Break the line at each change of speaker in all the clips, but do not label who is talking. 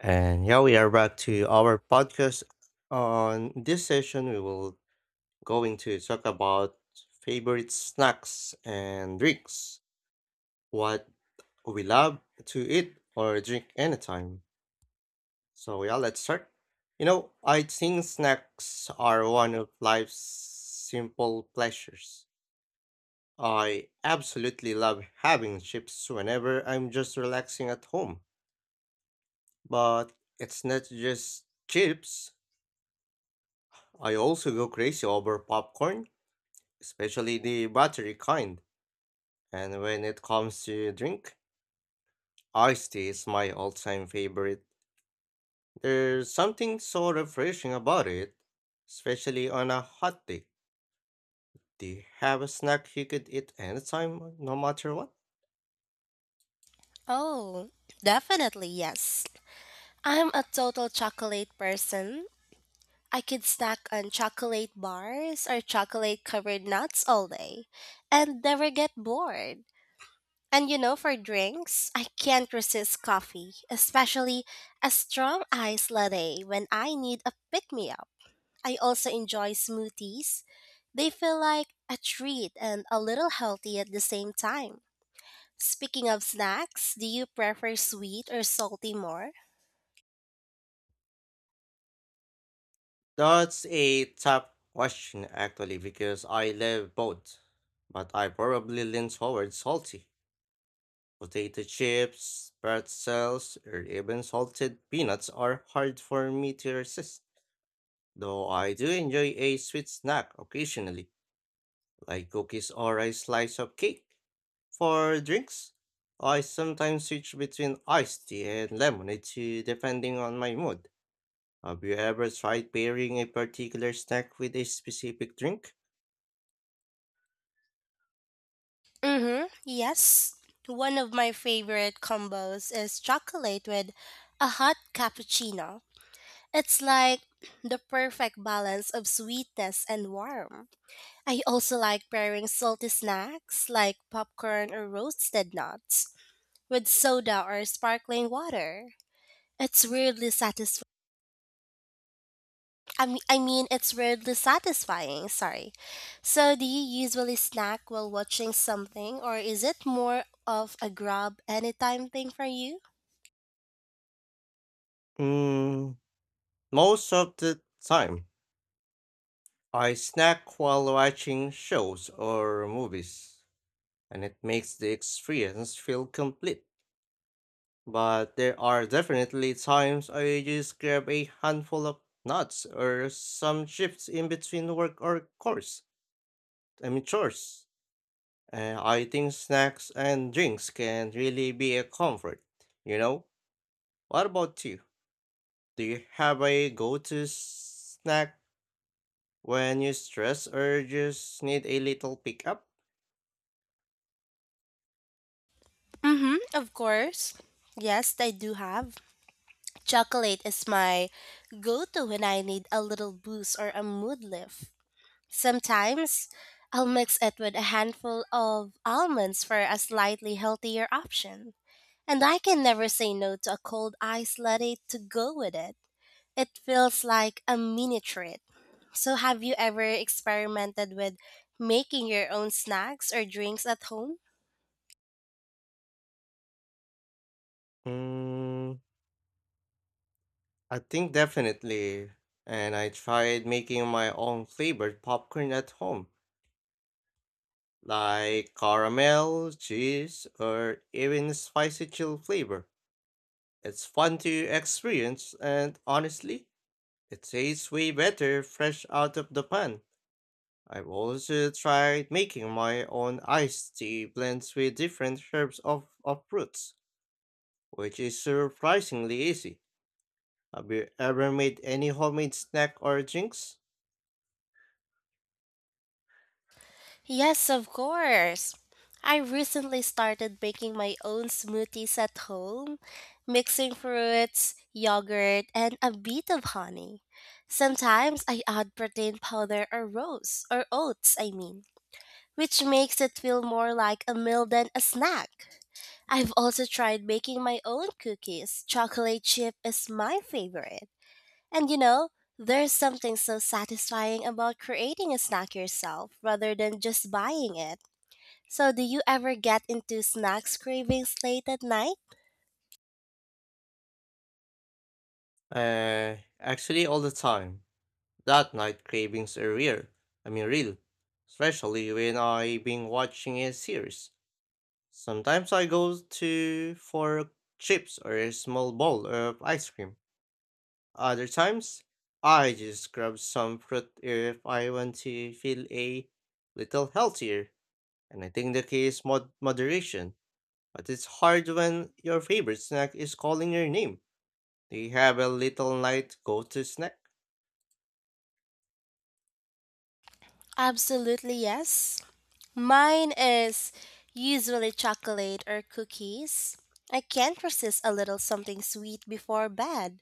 And yeah, we are back to our podcast. On this session, we will going to talk about favorite snacks and drinks, what we love to eat or drink anytime. So yeah, let's start. You know, I think snacks are one of life's simple pleasures. I absolutely love having chips whenever I'm just relaxing at home. But it's not just chips. I also go crazy over popcorn, especially the buttery kind. And when it comes to drink, iced tea is my all-time favorite. There's something so refreshing about it, especially on a hot day. Do you have a snack you could eat anytime, no matter what?
Oh, definitely yes. I'm a total chocolate person. I could snack on chocolate bars or chocolate covered nuts all day and never get bored. For drinks, I can't resist coffee, especially a strong iced latte when I need a pick me up. I also enjoy smoothies. They feel like a treat and a little healthy at the same time. Speaking of snacks, do you prefer sweet or salty more?
That's a tough question actually because I love both, but I probably lean towards salty. Potato chips, pretzels, or even salted peanuts are hard for me to resist, though I do enjoy a sweet snack occasionally, like cookies or a slice of cake. For drinks, I sometimes switch between iced tea and lemonade too, depending on my mood. Have you ever tried pairing a particular snack with a specific drink?
Mm-hmm. Yes. One of my favorite combos is chocolate with a hot cappuccino. It's like the perfect balance of sweetness and warmth. I also like pairing salty snacks like popcorn or roasted nuts with soda or sparkling water. It's weirdly satisfying it's weirdly satisfying. Sorry. So, do you usually snack while watching something, or is it more of a grab anytime thing for you?
Mm, Most of the time, I snack while watching shows or movies, and it makes the experience feel complete. But there are definitely times I just grab a handful of nuts or some chips in between work or course. I mean chores. And I think snacks and drinks can really be a comfort. You know? What about you? Do you have a go-to snack when you stress or just need a little pick-up?
Mm-hmm. Of course. Yes, I do have. Chocolate is my go-to when I need a little boost or a mood lift. Sometimes I'll mix it with a handful of almonds for a slightly healthier option. And I can never say no to a cold iced latte to go with it. It feels like a mini treat. So, have you ever experimented with making your own snacks or drinks at home?
Hmm. I think definitely. And I tried making my own flavored popcorn at home, like caramel, cheese, or even spicy chill flavor. It's fun to experience, and honestly, it tastes way better fresh out of the pan. I've also tried making my own iced tea blends with different herbs of fruits, which is surprisingly easy. Have you ever made any homemade snack or drinks?
Yes, of course. I recently started making my own smoothies at home, mixing fruits, yogurt, and a bit of honey. Sometimes I add protein powder or rose, or oats, I mean, which makes it feel more like a meal than a snack. I've also tried making my own cookies. Chocolate chip is my favorite. And you know, there's something so satisfying about creating a snack yourself rather than just buying it. So, do you ever get into snacks cravings late at night?
Actually, all the time. That night cravings are real. Real. Especially when I've been watching a series. Sometimes I go to for chips or a small bowl of ice cream. Other times, I just grab some fruit if I want to feel a little healthier. And I think the key is moderation. But it's hard when your favorite snack is calling your name. Do you have a little night go-to snack?
Absolutely, yes. Mine is usually chocolate or cookies. I can't resist a little something sweet before bed.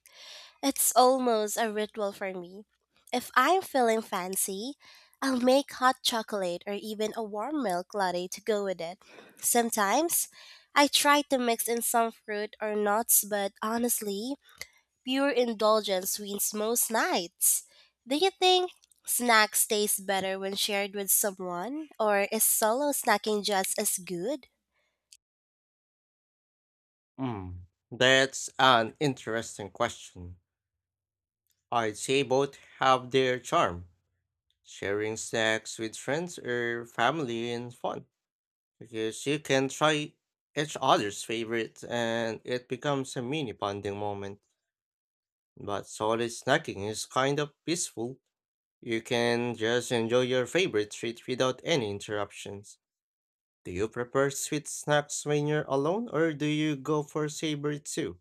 It's almost a ritual for me. If I'm feeling fancy, I'll make hot chocolate or even a warm milk latte to go with it. Sometimes, I try to mix in some fruit or nuts, but honestly, pure indulgence wins most nights. Do you think snacks taste better when shared with someone, or is solo snacking just as good?
Mm, That's an interesting question. I'd say both have their charm. Sharing snacks with friends or family is fun because you can try each other's favorites and it becomes a mini bonding moment. But solid snacking is kind of peaceful. You can just enjoy your favorite treat without any interruptions. Do you prefer sweet snacks when you're alone or do you go for savory too?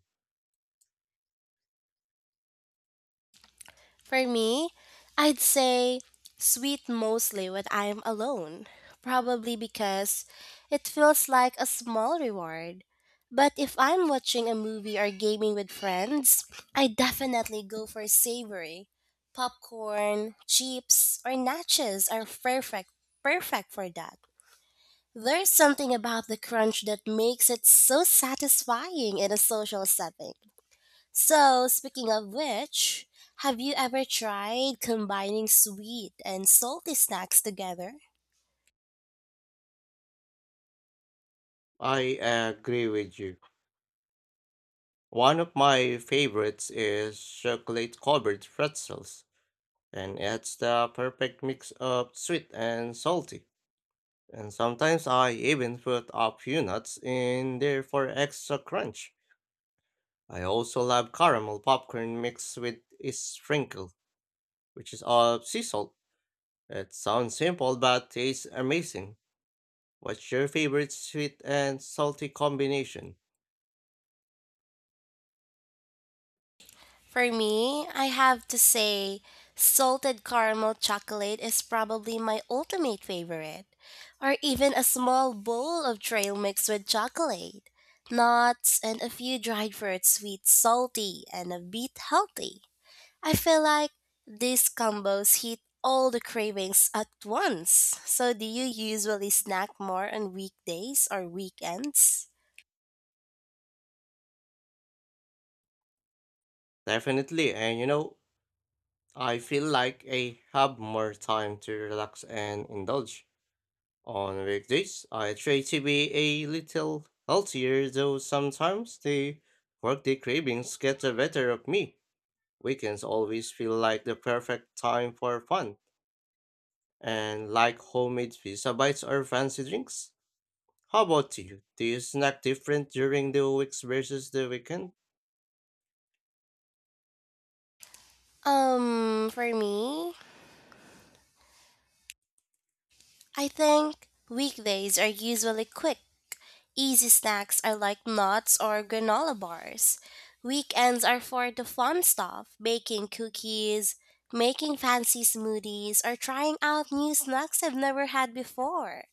For me, I'd say sweet mostly when I'm alone, probably because it feels like a small reward. But if I'm watching a movie or gaming with friends, I definitely go for savory. Popcorn, chips, or nachos are perfect for that. There's something about the crunch that makes it so satisfying in a social setting. So, speaking of which, have you ever tried combining sweet and salty snacks together?
I agree with you. One of my favorites is chocolate covered pretzels, and it's the perfect mix of sweet and salty. And sometimes I even put a few nuts in there for extra crunch. I also love caramel popcorn mixed with a sprinkle, which is of sea salt. It sounds simple but tastes amazing. What's your favorite sweet and salty combination?
For me, I have to say, salted caramel chocolate is probably my ultimate favorite, or even a small bowl of trail mix with chocolate, nuts, and a few dried fruits, sweet, salty, and a bit healthy. I feel like these combos hit all the cravings at once. So, do you usually snack more on weekdays or weekends?
Definitely, and you know, I feel like I have more time to relax and indulge. On weekdays, I try to be a little healthier, though sometimes the workday cravings get the better of me. Weekends always feel like the perfect time for fun, and like homemade pizza bites or fancy drinks. How about you? Do you snack different during the weeks versus the weekend?
For me, I think weekdays are usually quick. Easy snacks are like nuts or granola bars. Weekends are for the fun stuff, baking cookies, making fancy smoothies, or trying out new snacks I've never had before.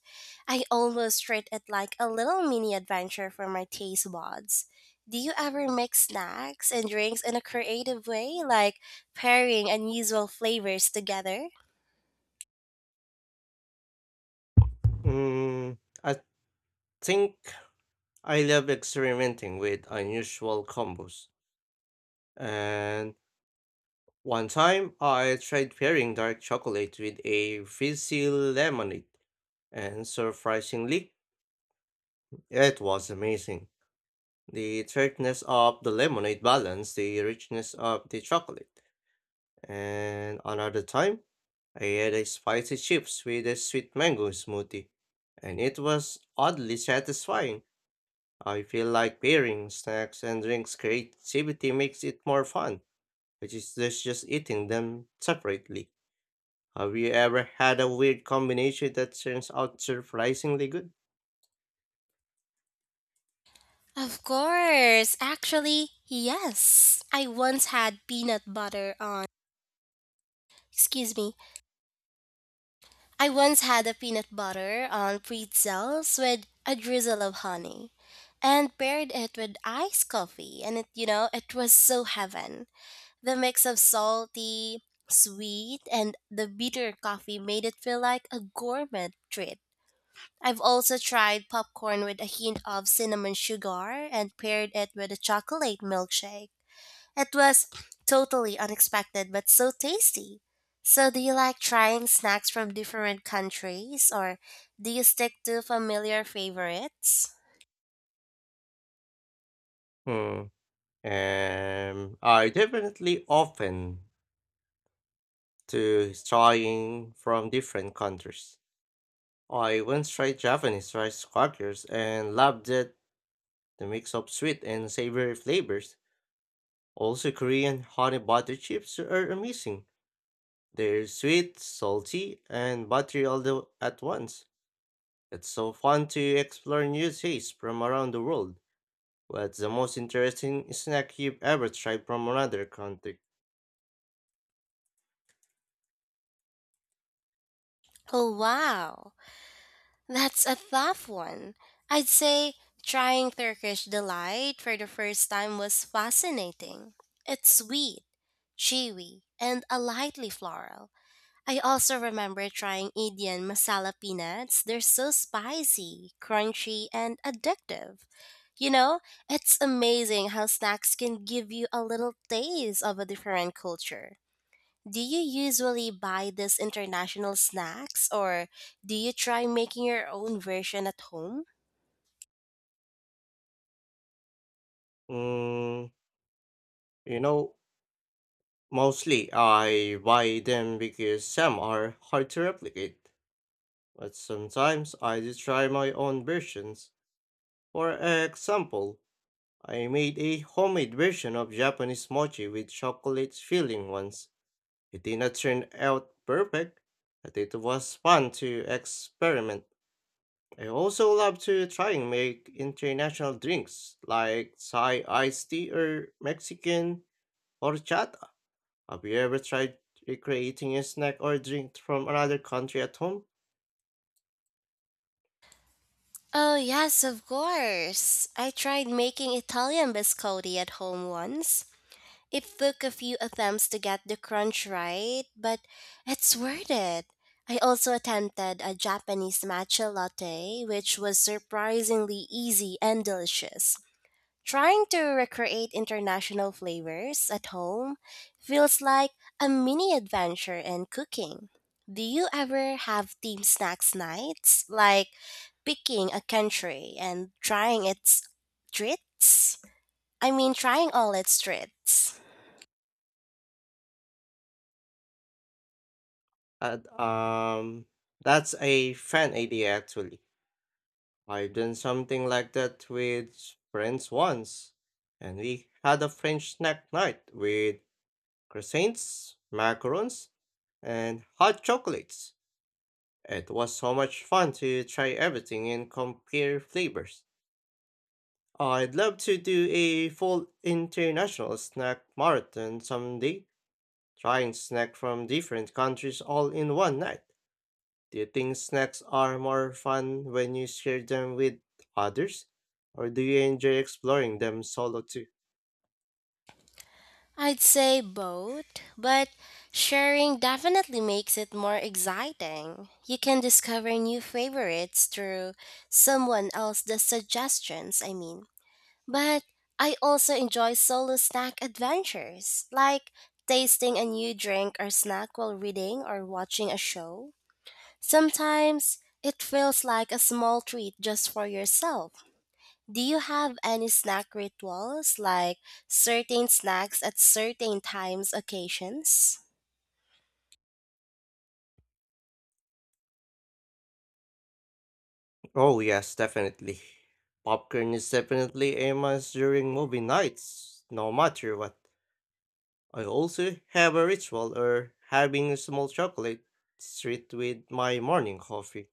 I almost treat it like a little mini adventure for my taste buds. Do you ever mix snacks and drinks in a creative way, like pairing unusual flavors together?
Mm, I think I love experimenting with unusual combos, and one time I tried pairing dark chocolate with a fizzy lemonade, and surprisingly, it was amazing. The tartness of the lemonade balanced the richness of the chocolate. And another time, I had a spicy chips with a sweet mango smoothie, and it was oddly satisfying. I feel like pairing snacks and drinks creativity makes it more fun, which is just eating them separately. Have you ever had a weird combination that turns out surprisingly good?
Of course! Actually, yes! I once had peanut butter on, excuse me, I once had a peanut butter on pretzels with a drizzle of honey and paired it with iced coffee, and it was so heaven. The mix of salty, sweet, and the bitter coffee made it feel like a gourmet treat. I've also tried popcorn with a hint of cinnamon sugar and paired it with a chocolate milkshake. It was totally unexpected but so tasty. So, do you like trying snacks from different countries or do you stick to familiar favorites?
Hmm. I definitely open to trying from different countries. I once tried Japanese rice crackers and loved it, the mix of sweet and savory flavors. Also, Korean honey butter chips are amazing. They're sweet, salty, and buttery at once. It's so fun to explore new tastes from around the world. What's the most interesting snack you've ever tried from another country?
Oh, wow. That's a tough one. I'd say trying Turkish delight for the first time was fascinating. It's sweet, chewy, and a lightly floral. I also remember trying Indian masala peanuts. They're so spicy, crunchy, and addictive. You know, it's amazing how snacks can give you a little taste of a different culture. Do you usually buy these international snacks or do you try making your own version at home?
Mm, you know, Mostly I buy them because some are hard to replicate, but sometimes I do try my own versions. For example, I made a homemade version of Japanese mochi with chocolate filling once. It did not turn out perfect, but it was fun to experiment. I also love to try and make international drinks like Thai iced tea or Mexican horchata. Have you ever tried recreating a snack or drink from another country at home?
Oh, yes, of course. I tried making Italian biscotti at home once. It took a few attempts to get the crunch right, but it's worth it. I also attempted a Japanese matcha latte, which was surprisingly easy and delicious. Trying to recreate international flavors at home feels like a mini adventure in cooking. Do you ever have team snacks nights, like picking a country and trying its treats? trying all its treats.
And, um, that's a fun idea actually. I've done something like that with friends once, and we had a French snack night with croissants, macarons, and hot chocolates. It was so much fun to try everything and compare flavors. I'd love to do a full international snack marathon someday, trying snacks from different countries all in one night. Do you think snacks are more fun when you share them with others? Or do you enjoy exploring them solo too?
I'd say both, but sharing definitely makes it more exciting. You can discover new favorites through someone else's suggestions. But I also enjoy solo snack adventures, like tasting a new drink or snack while reading or watching a show. Sometimes it feels like a small treat just for yourself. Do you have any snack rituals, like certain snacks at certain times, occasions?
Oh, yes, definitely. Popcorn is definitely a must during movie nights, no matter what. I also have a ritual of having a small chocolate treat with my morning coffee.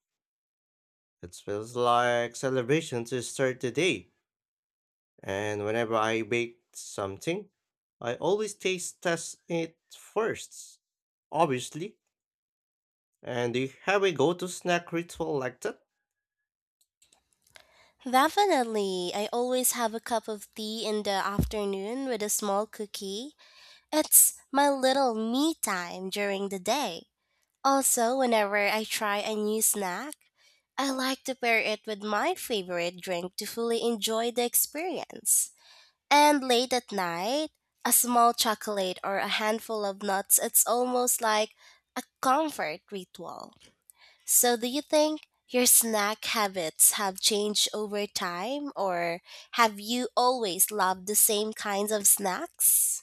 It feels like celebration to start the day. And whenever I bake something, I always taste test it first, obviously. And do you have a go-to snack ritual like that?
Definitely. I always have a cup of tea in the afternoon with a small cookie. It's my little me time during the day. Also, whenever I try a new snack, I like to pair it with my favorite drink to fully enjoy the experience. And late at night, a small chocolate or a handful of nuts, it's almost like a comfort ritual. So, do you think your snack habits have changed over time, or have you always loved the same kinds of snacks?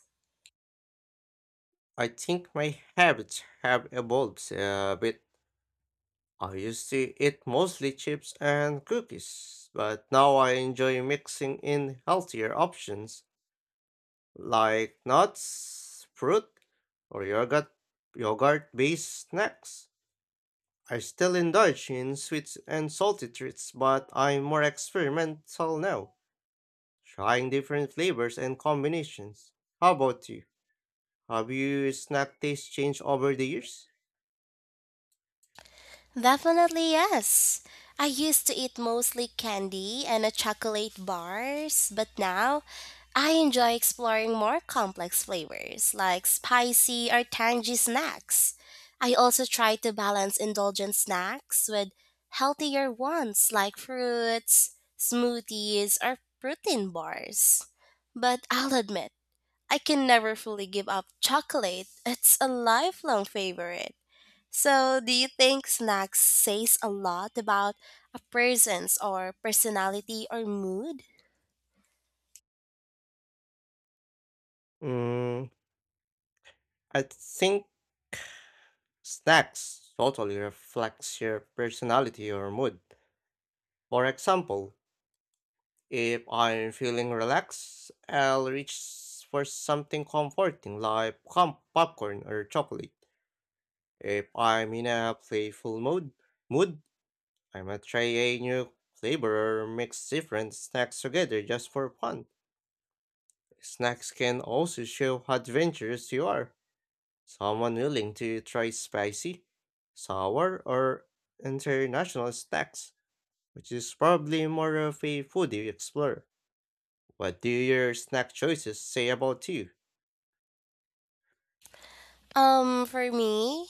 I think my habits have evolved a bit. I used to eat mostly chips and cookies, but now I enjoy mixing in healthier options like nuts, fruit, or yogurt based snacks. I still indulge in sweets and salty treats, but I'm more experimental now, trying different flavors and combinations. How about you? Have your snack taste changed over the years?
Definitely yes. I used to eat mostly candy and a chocolate bars, but now I enjoy exploring more complex flavors like spicy or tangy snacks. I also try to balance indulgent snacks with healthier ones like fruits, smoothies, or protein bars. But I'll admit, I can never fully give up chocolate. It's a lifelong favorite. So, do you think snacks says a lot about a person's or personality or mood?
Mm, I think snacks totally reflects your personality or mood. For example, if I'm feeling relaxed, I'll reach for something comforting like popcorn or chocolate. If I'm in a playful mood, I might try a new flavor or mix different snacks together just for fun. Snacks can also show how adventurous you are. Someone willing to try spicy, sour, or international snacks, which is probably more of a foodie explorer. What do your snack choices say about you?
For me,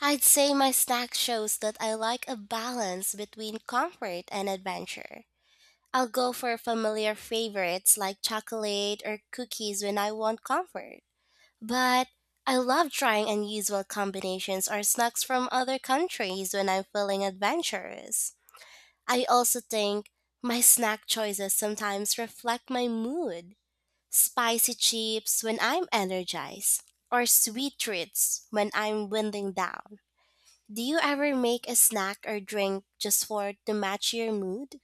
I'd say my snack shows that I like a balance between comfort and adventure. I'll go for familiar favorites like chocolate or cookies when I want comfort. But I love trying unusual combinations or snacks from other countries when I'm feeling adventurous. I also think my snack choices sometimes reflect my mood. Spicy chips when I'm energized, or sweet treats when I'm winding down. Do you ever make a snack or drink just for to match your mood?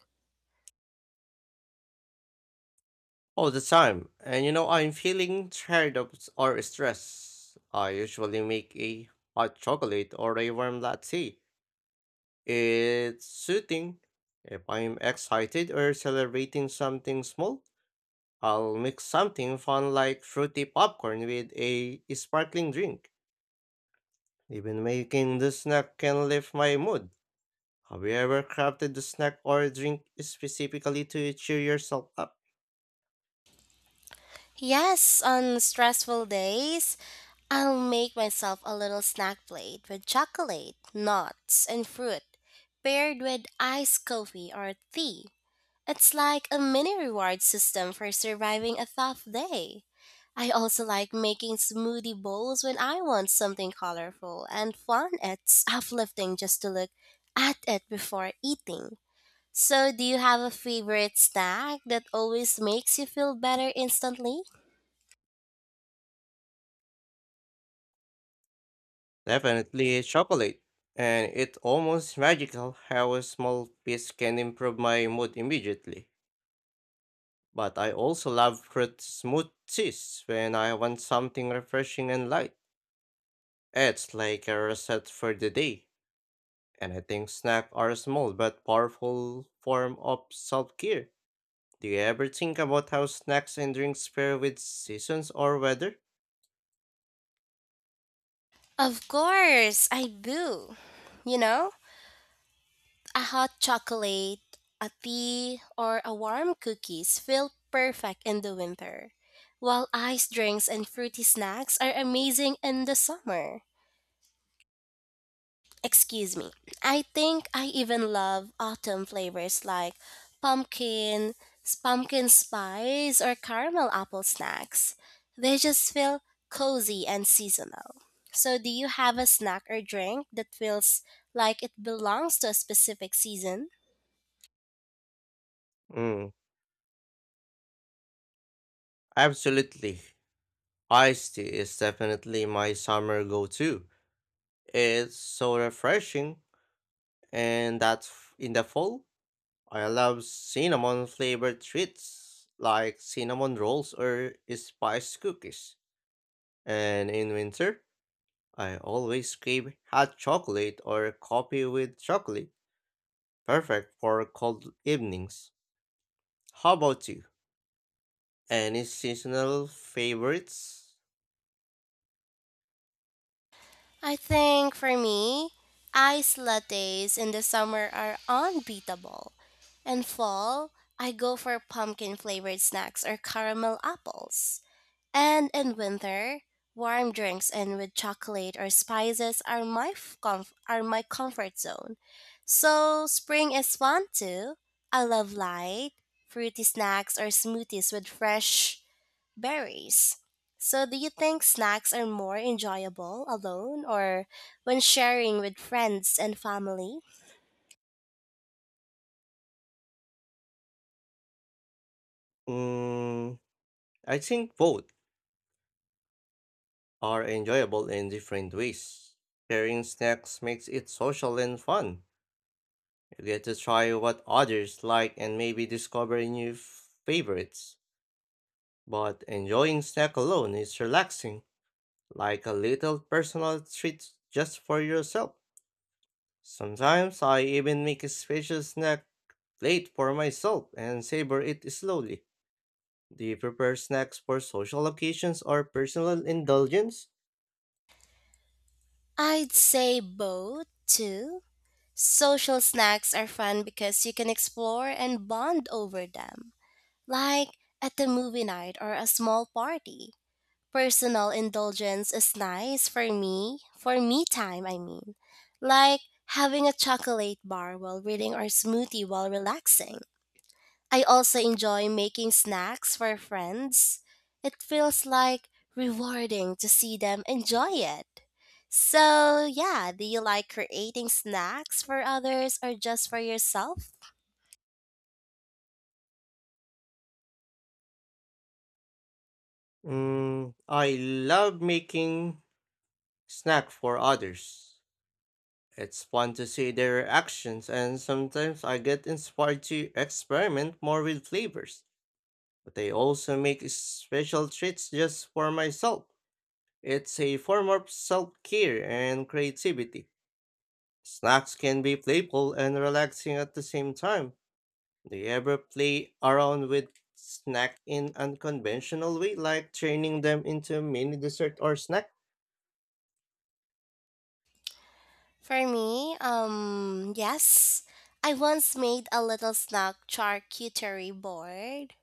All the time, and you know, I'm feeling tired or stressed. I usually make a hot chocolate or a warm latte. It's soothing. If I'm excited or celebrating something small, I'll mix something fun like fruity popcorn with a sparkling drink. Even making the snack can lift my mood. Have you ever crafted the snack or drink specifically to cheer yourself up?
Yes, on stressful days, I'll make myself a little snack plate with chocolate, nuts, and fruit, paired with iced coffee or tea. It's like a mini reward system for surviving a tough day. I also like making smoothie bowls when I want something colorful and fun. It's uplifting just to look at it before eating. So, do you have a favorite snack that always makes you feel better instantly?
Definitely chocolate. And it's almost magical how a small piece can improve my mood immediately. But I also love fruit smoothies when I want something refreshing and light. It's like a reset for the day. And I think snacks are a small but powerful form of self care. Do you ever think about how snacks and drinks pair with seasons or weather?
Of course, I do. You know, a hot chocolate, a tea, or a warm cookies feel perfect in the winter, while iced drinks and fruity snacks are amazing in the summer. Excuse me. I think I even love autumn flavors like pumpkin, pumpkin spice, or caramel apple snacks. They just feel cozy and seasonal. So, do you have a snack or drink that feels like it belongs to a specific season?
Mm, Absolutely. Iced tea is definitely my summer go to. It's so refreshing, and in the fall, I love cinnamon flavored treats like cinnamon rolls or spice cookies. And in winter, I always crave hot chocolate or coffee with chocolate, perfect for cold evenings. How about you? Any seasonal favorites?
I think for me, ice lattes in the summer are unbeatable. In fall, I go for pumpkin flavored snacks or caramel apples. And in winter, warm drinks and with chocolate or spices are my comfort zone. So spring is fun too. I love light, fruity snacks or smoothies with fresh berries. So, do you think snacks are more enjoyable alone or when sharing with friends and family?
Mm, I think both are enjoyable in different ways. Sharing snacks makes it social and fun. You get to try what others like and maybe discover new favorites. But enjoying snack alone is relaxing, like a little personal treat just for yourself. Sometimes I even make a special snack plate for myself and savor it slowly. Do you prepare snacks for social occasions or personal indulgence?
I'd say both, too. Social snacks are fun because you can explore and bond over them, like at the movie night or a small party. Personal indulgence is nice for me time, I mean, like having a chocolate bar while reading or smoothie while relaxing. I also enjoy making snacks for friends. It feels like rewarding to see them enjoy it. So, yeah, do you like creating snacks for others or just for yourself?
I love making snack for others. It's fun to see their reactions, and sometimes I get inspired to experiment more with flavors. But I also make special treats just for myself. It's a form of self care and creativity. Snacks can be playful and relaxing at the same time. Do you ever play around with snack in unconventional way, like turning them into mini dessert or snack?
For me, yes. I once made a little snack charcuterie board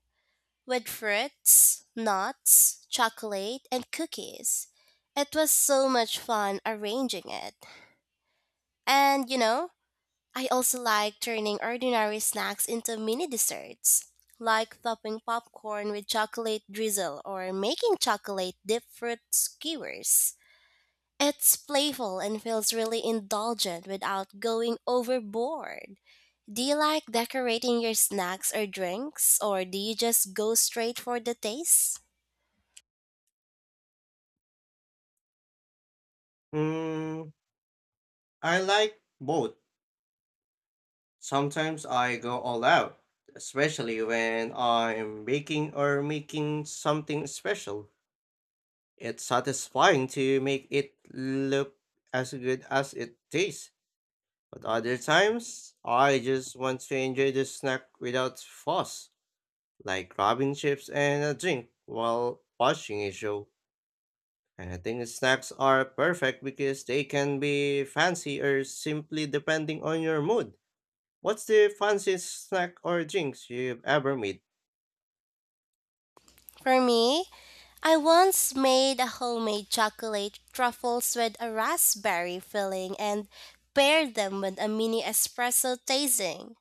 with fruits, nuts, chocolate, and cookies. It was so much fun arranging it. And you know, I also like turning ordinary snacks into mini desserts, like topping popcorn with chocolate drizzle or making chocolate dip fruit skewers. It's playful and feels really indulgent without going overboard. Do you like decorating your snacks or drinks, or do you just go straight for the taste?
Mm, I like both. Sometimes I go all out, especially when I'm baking or making something special. It's satisfying to make it look as good as it tastes, but other times I just want to enjoy the snack without fuss, like grabbing chips and a drink while watching a show. And I think snacks are perfect because they can be fancy or simply depending on your mood. What's the fanciest snack or drinks you've ever made?
For me, I once made a homemade chocolate truffles with a raspberry filling and paired them with a mini espresso tasting.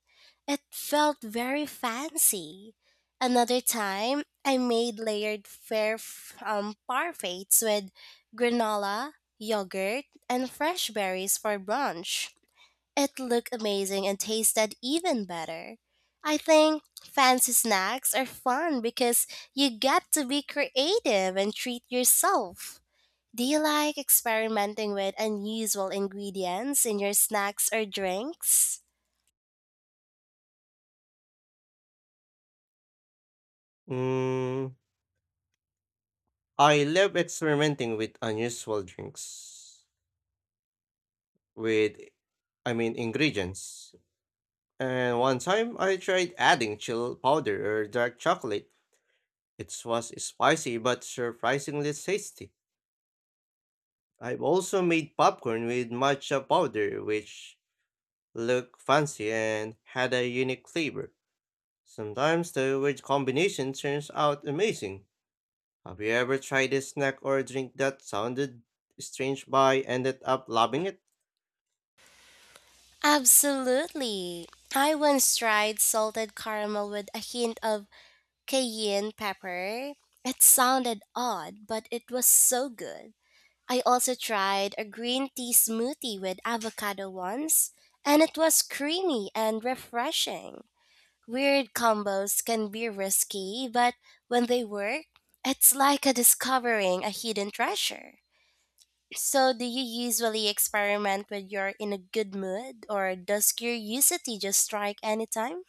It felt very fancy. Another time, I made layered fair parfaits with granola, yogurt, and fresh berries for brunch. It looked amazing and tasted even better. I think fancy snacks are fun because you get to be creative and treat yourself. Do you like experimenting with unusual ingredients in your snacks or drinks?
Mm, I love experimenting with unusual drinks. With, Ingredients. And one time I tried adding chill powder or dark chocolate. It was spicy but surprisingly tasty. I've also made popcorn with matcha powder, which looked fancy and had a unique flavor. Sometimes the weird combination turns out amazing. Have you ever tried a snack or drink that sounded strange but ended up loving it?
Absolutely. I once tried salted caramel with a hint of cayenne pepper. It sounded odd, but it was so good. I also tried a green tea smoothie with avocado once, and it was creamy and refreshing. Weird combos can be risky, but when they work, it's like a discovering a hidden treasure. So, do you usually experiment when you're in a good mood, or does curiosity just strike anytime?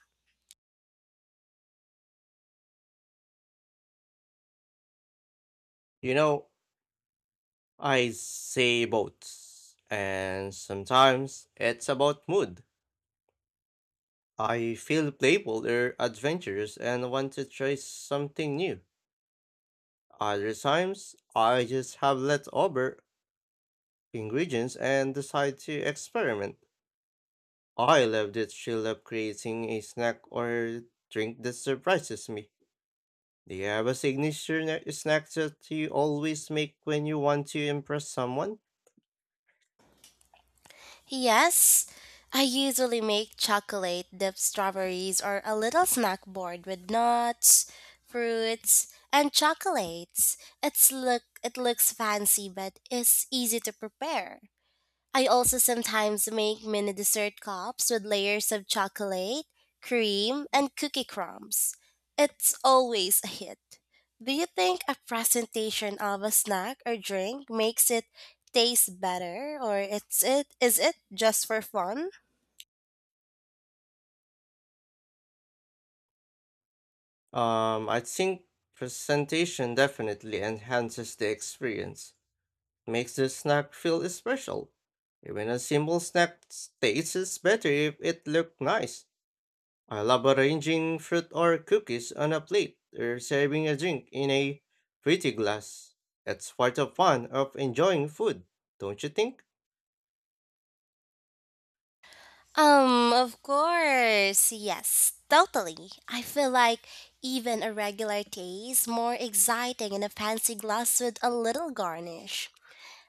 You know, I say both. And sometimes it's about mood. I feel playful or adventurous and want to try something new. Other times, I just have leftover ingredients and decide to experiment. I love the thrill of creating a snack or drink that surprises me. Do you have a signature snack that you always make when you want to impress someone?
Yes, I usually make chocolate dipped strawberries or a little snack board with nuts, fruits, and chocolates. It looks fancy but is easy to prepare. I also sometimes make mini dessert cups with layers of chocolate, cream, and cookie crumbs. It's always a hit. Do you think a presentation of a snack or drink makes it taste better or it's it is it just for fun?
I think presentation definitely enhances the experience. Makes the snack feel special. Even a simple snack tastes better if it looked nice. I love arranging fruit or cookies on a plate or serving a drink in a pretty glass. That's part of fun of enjoying food, don't you think?
Of course. Yes, totally. I feel like even a regular taste more exciting in a fancy glass with a little garnish.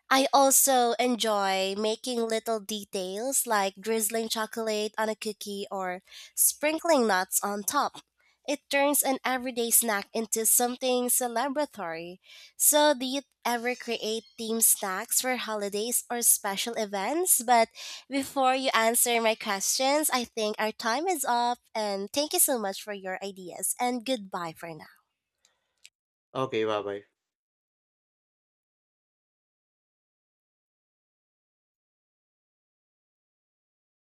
I also enjoy making little details like drizzling chocolate on a cookie or sprinkling nuts on top. It turns an everyday snack into something celebratory. So, do you ever create themed snacks for holidays or special events? But before you answer my questions, I think our time is up. And thank you so much for your ideas, and goodbye for now.
Okay, bye bye.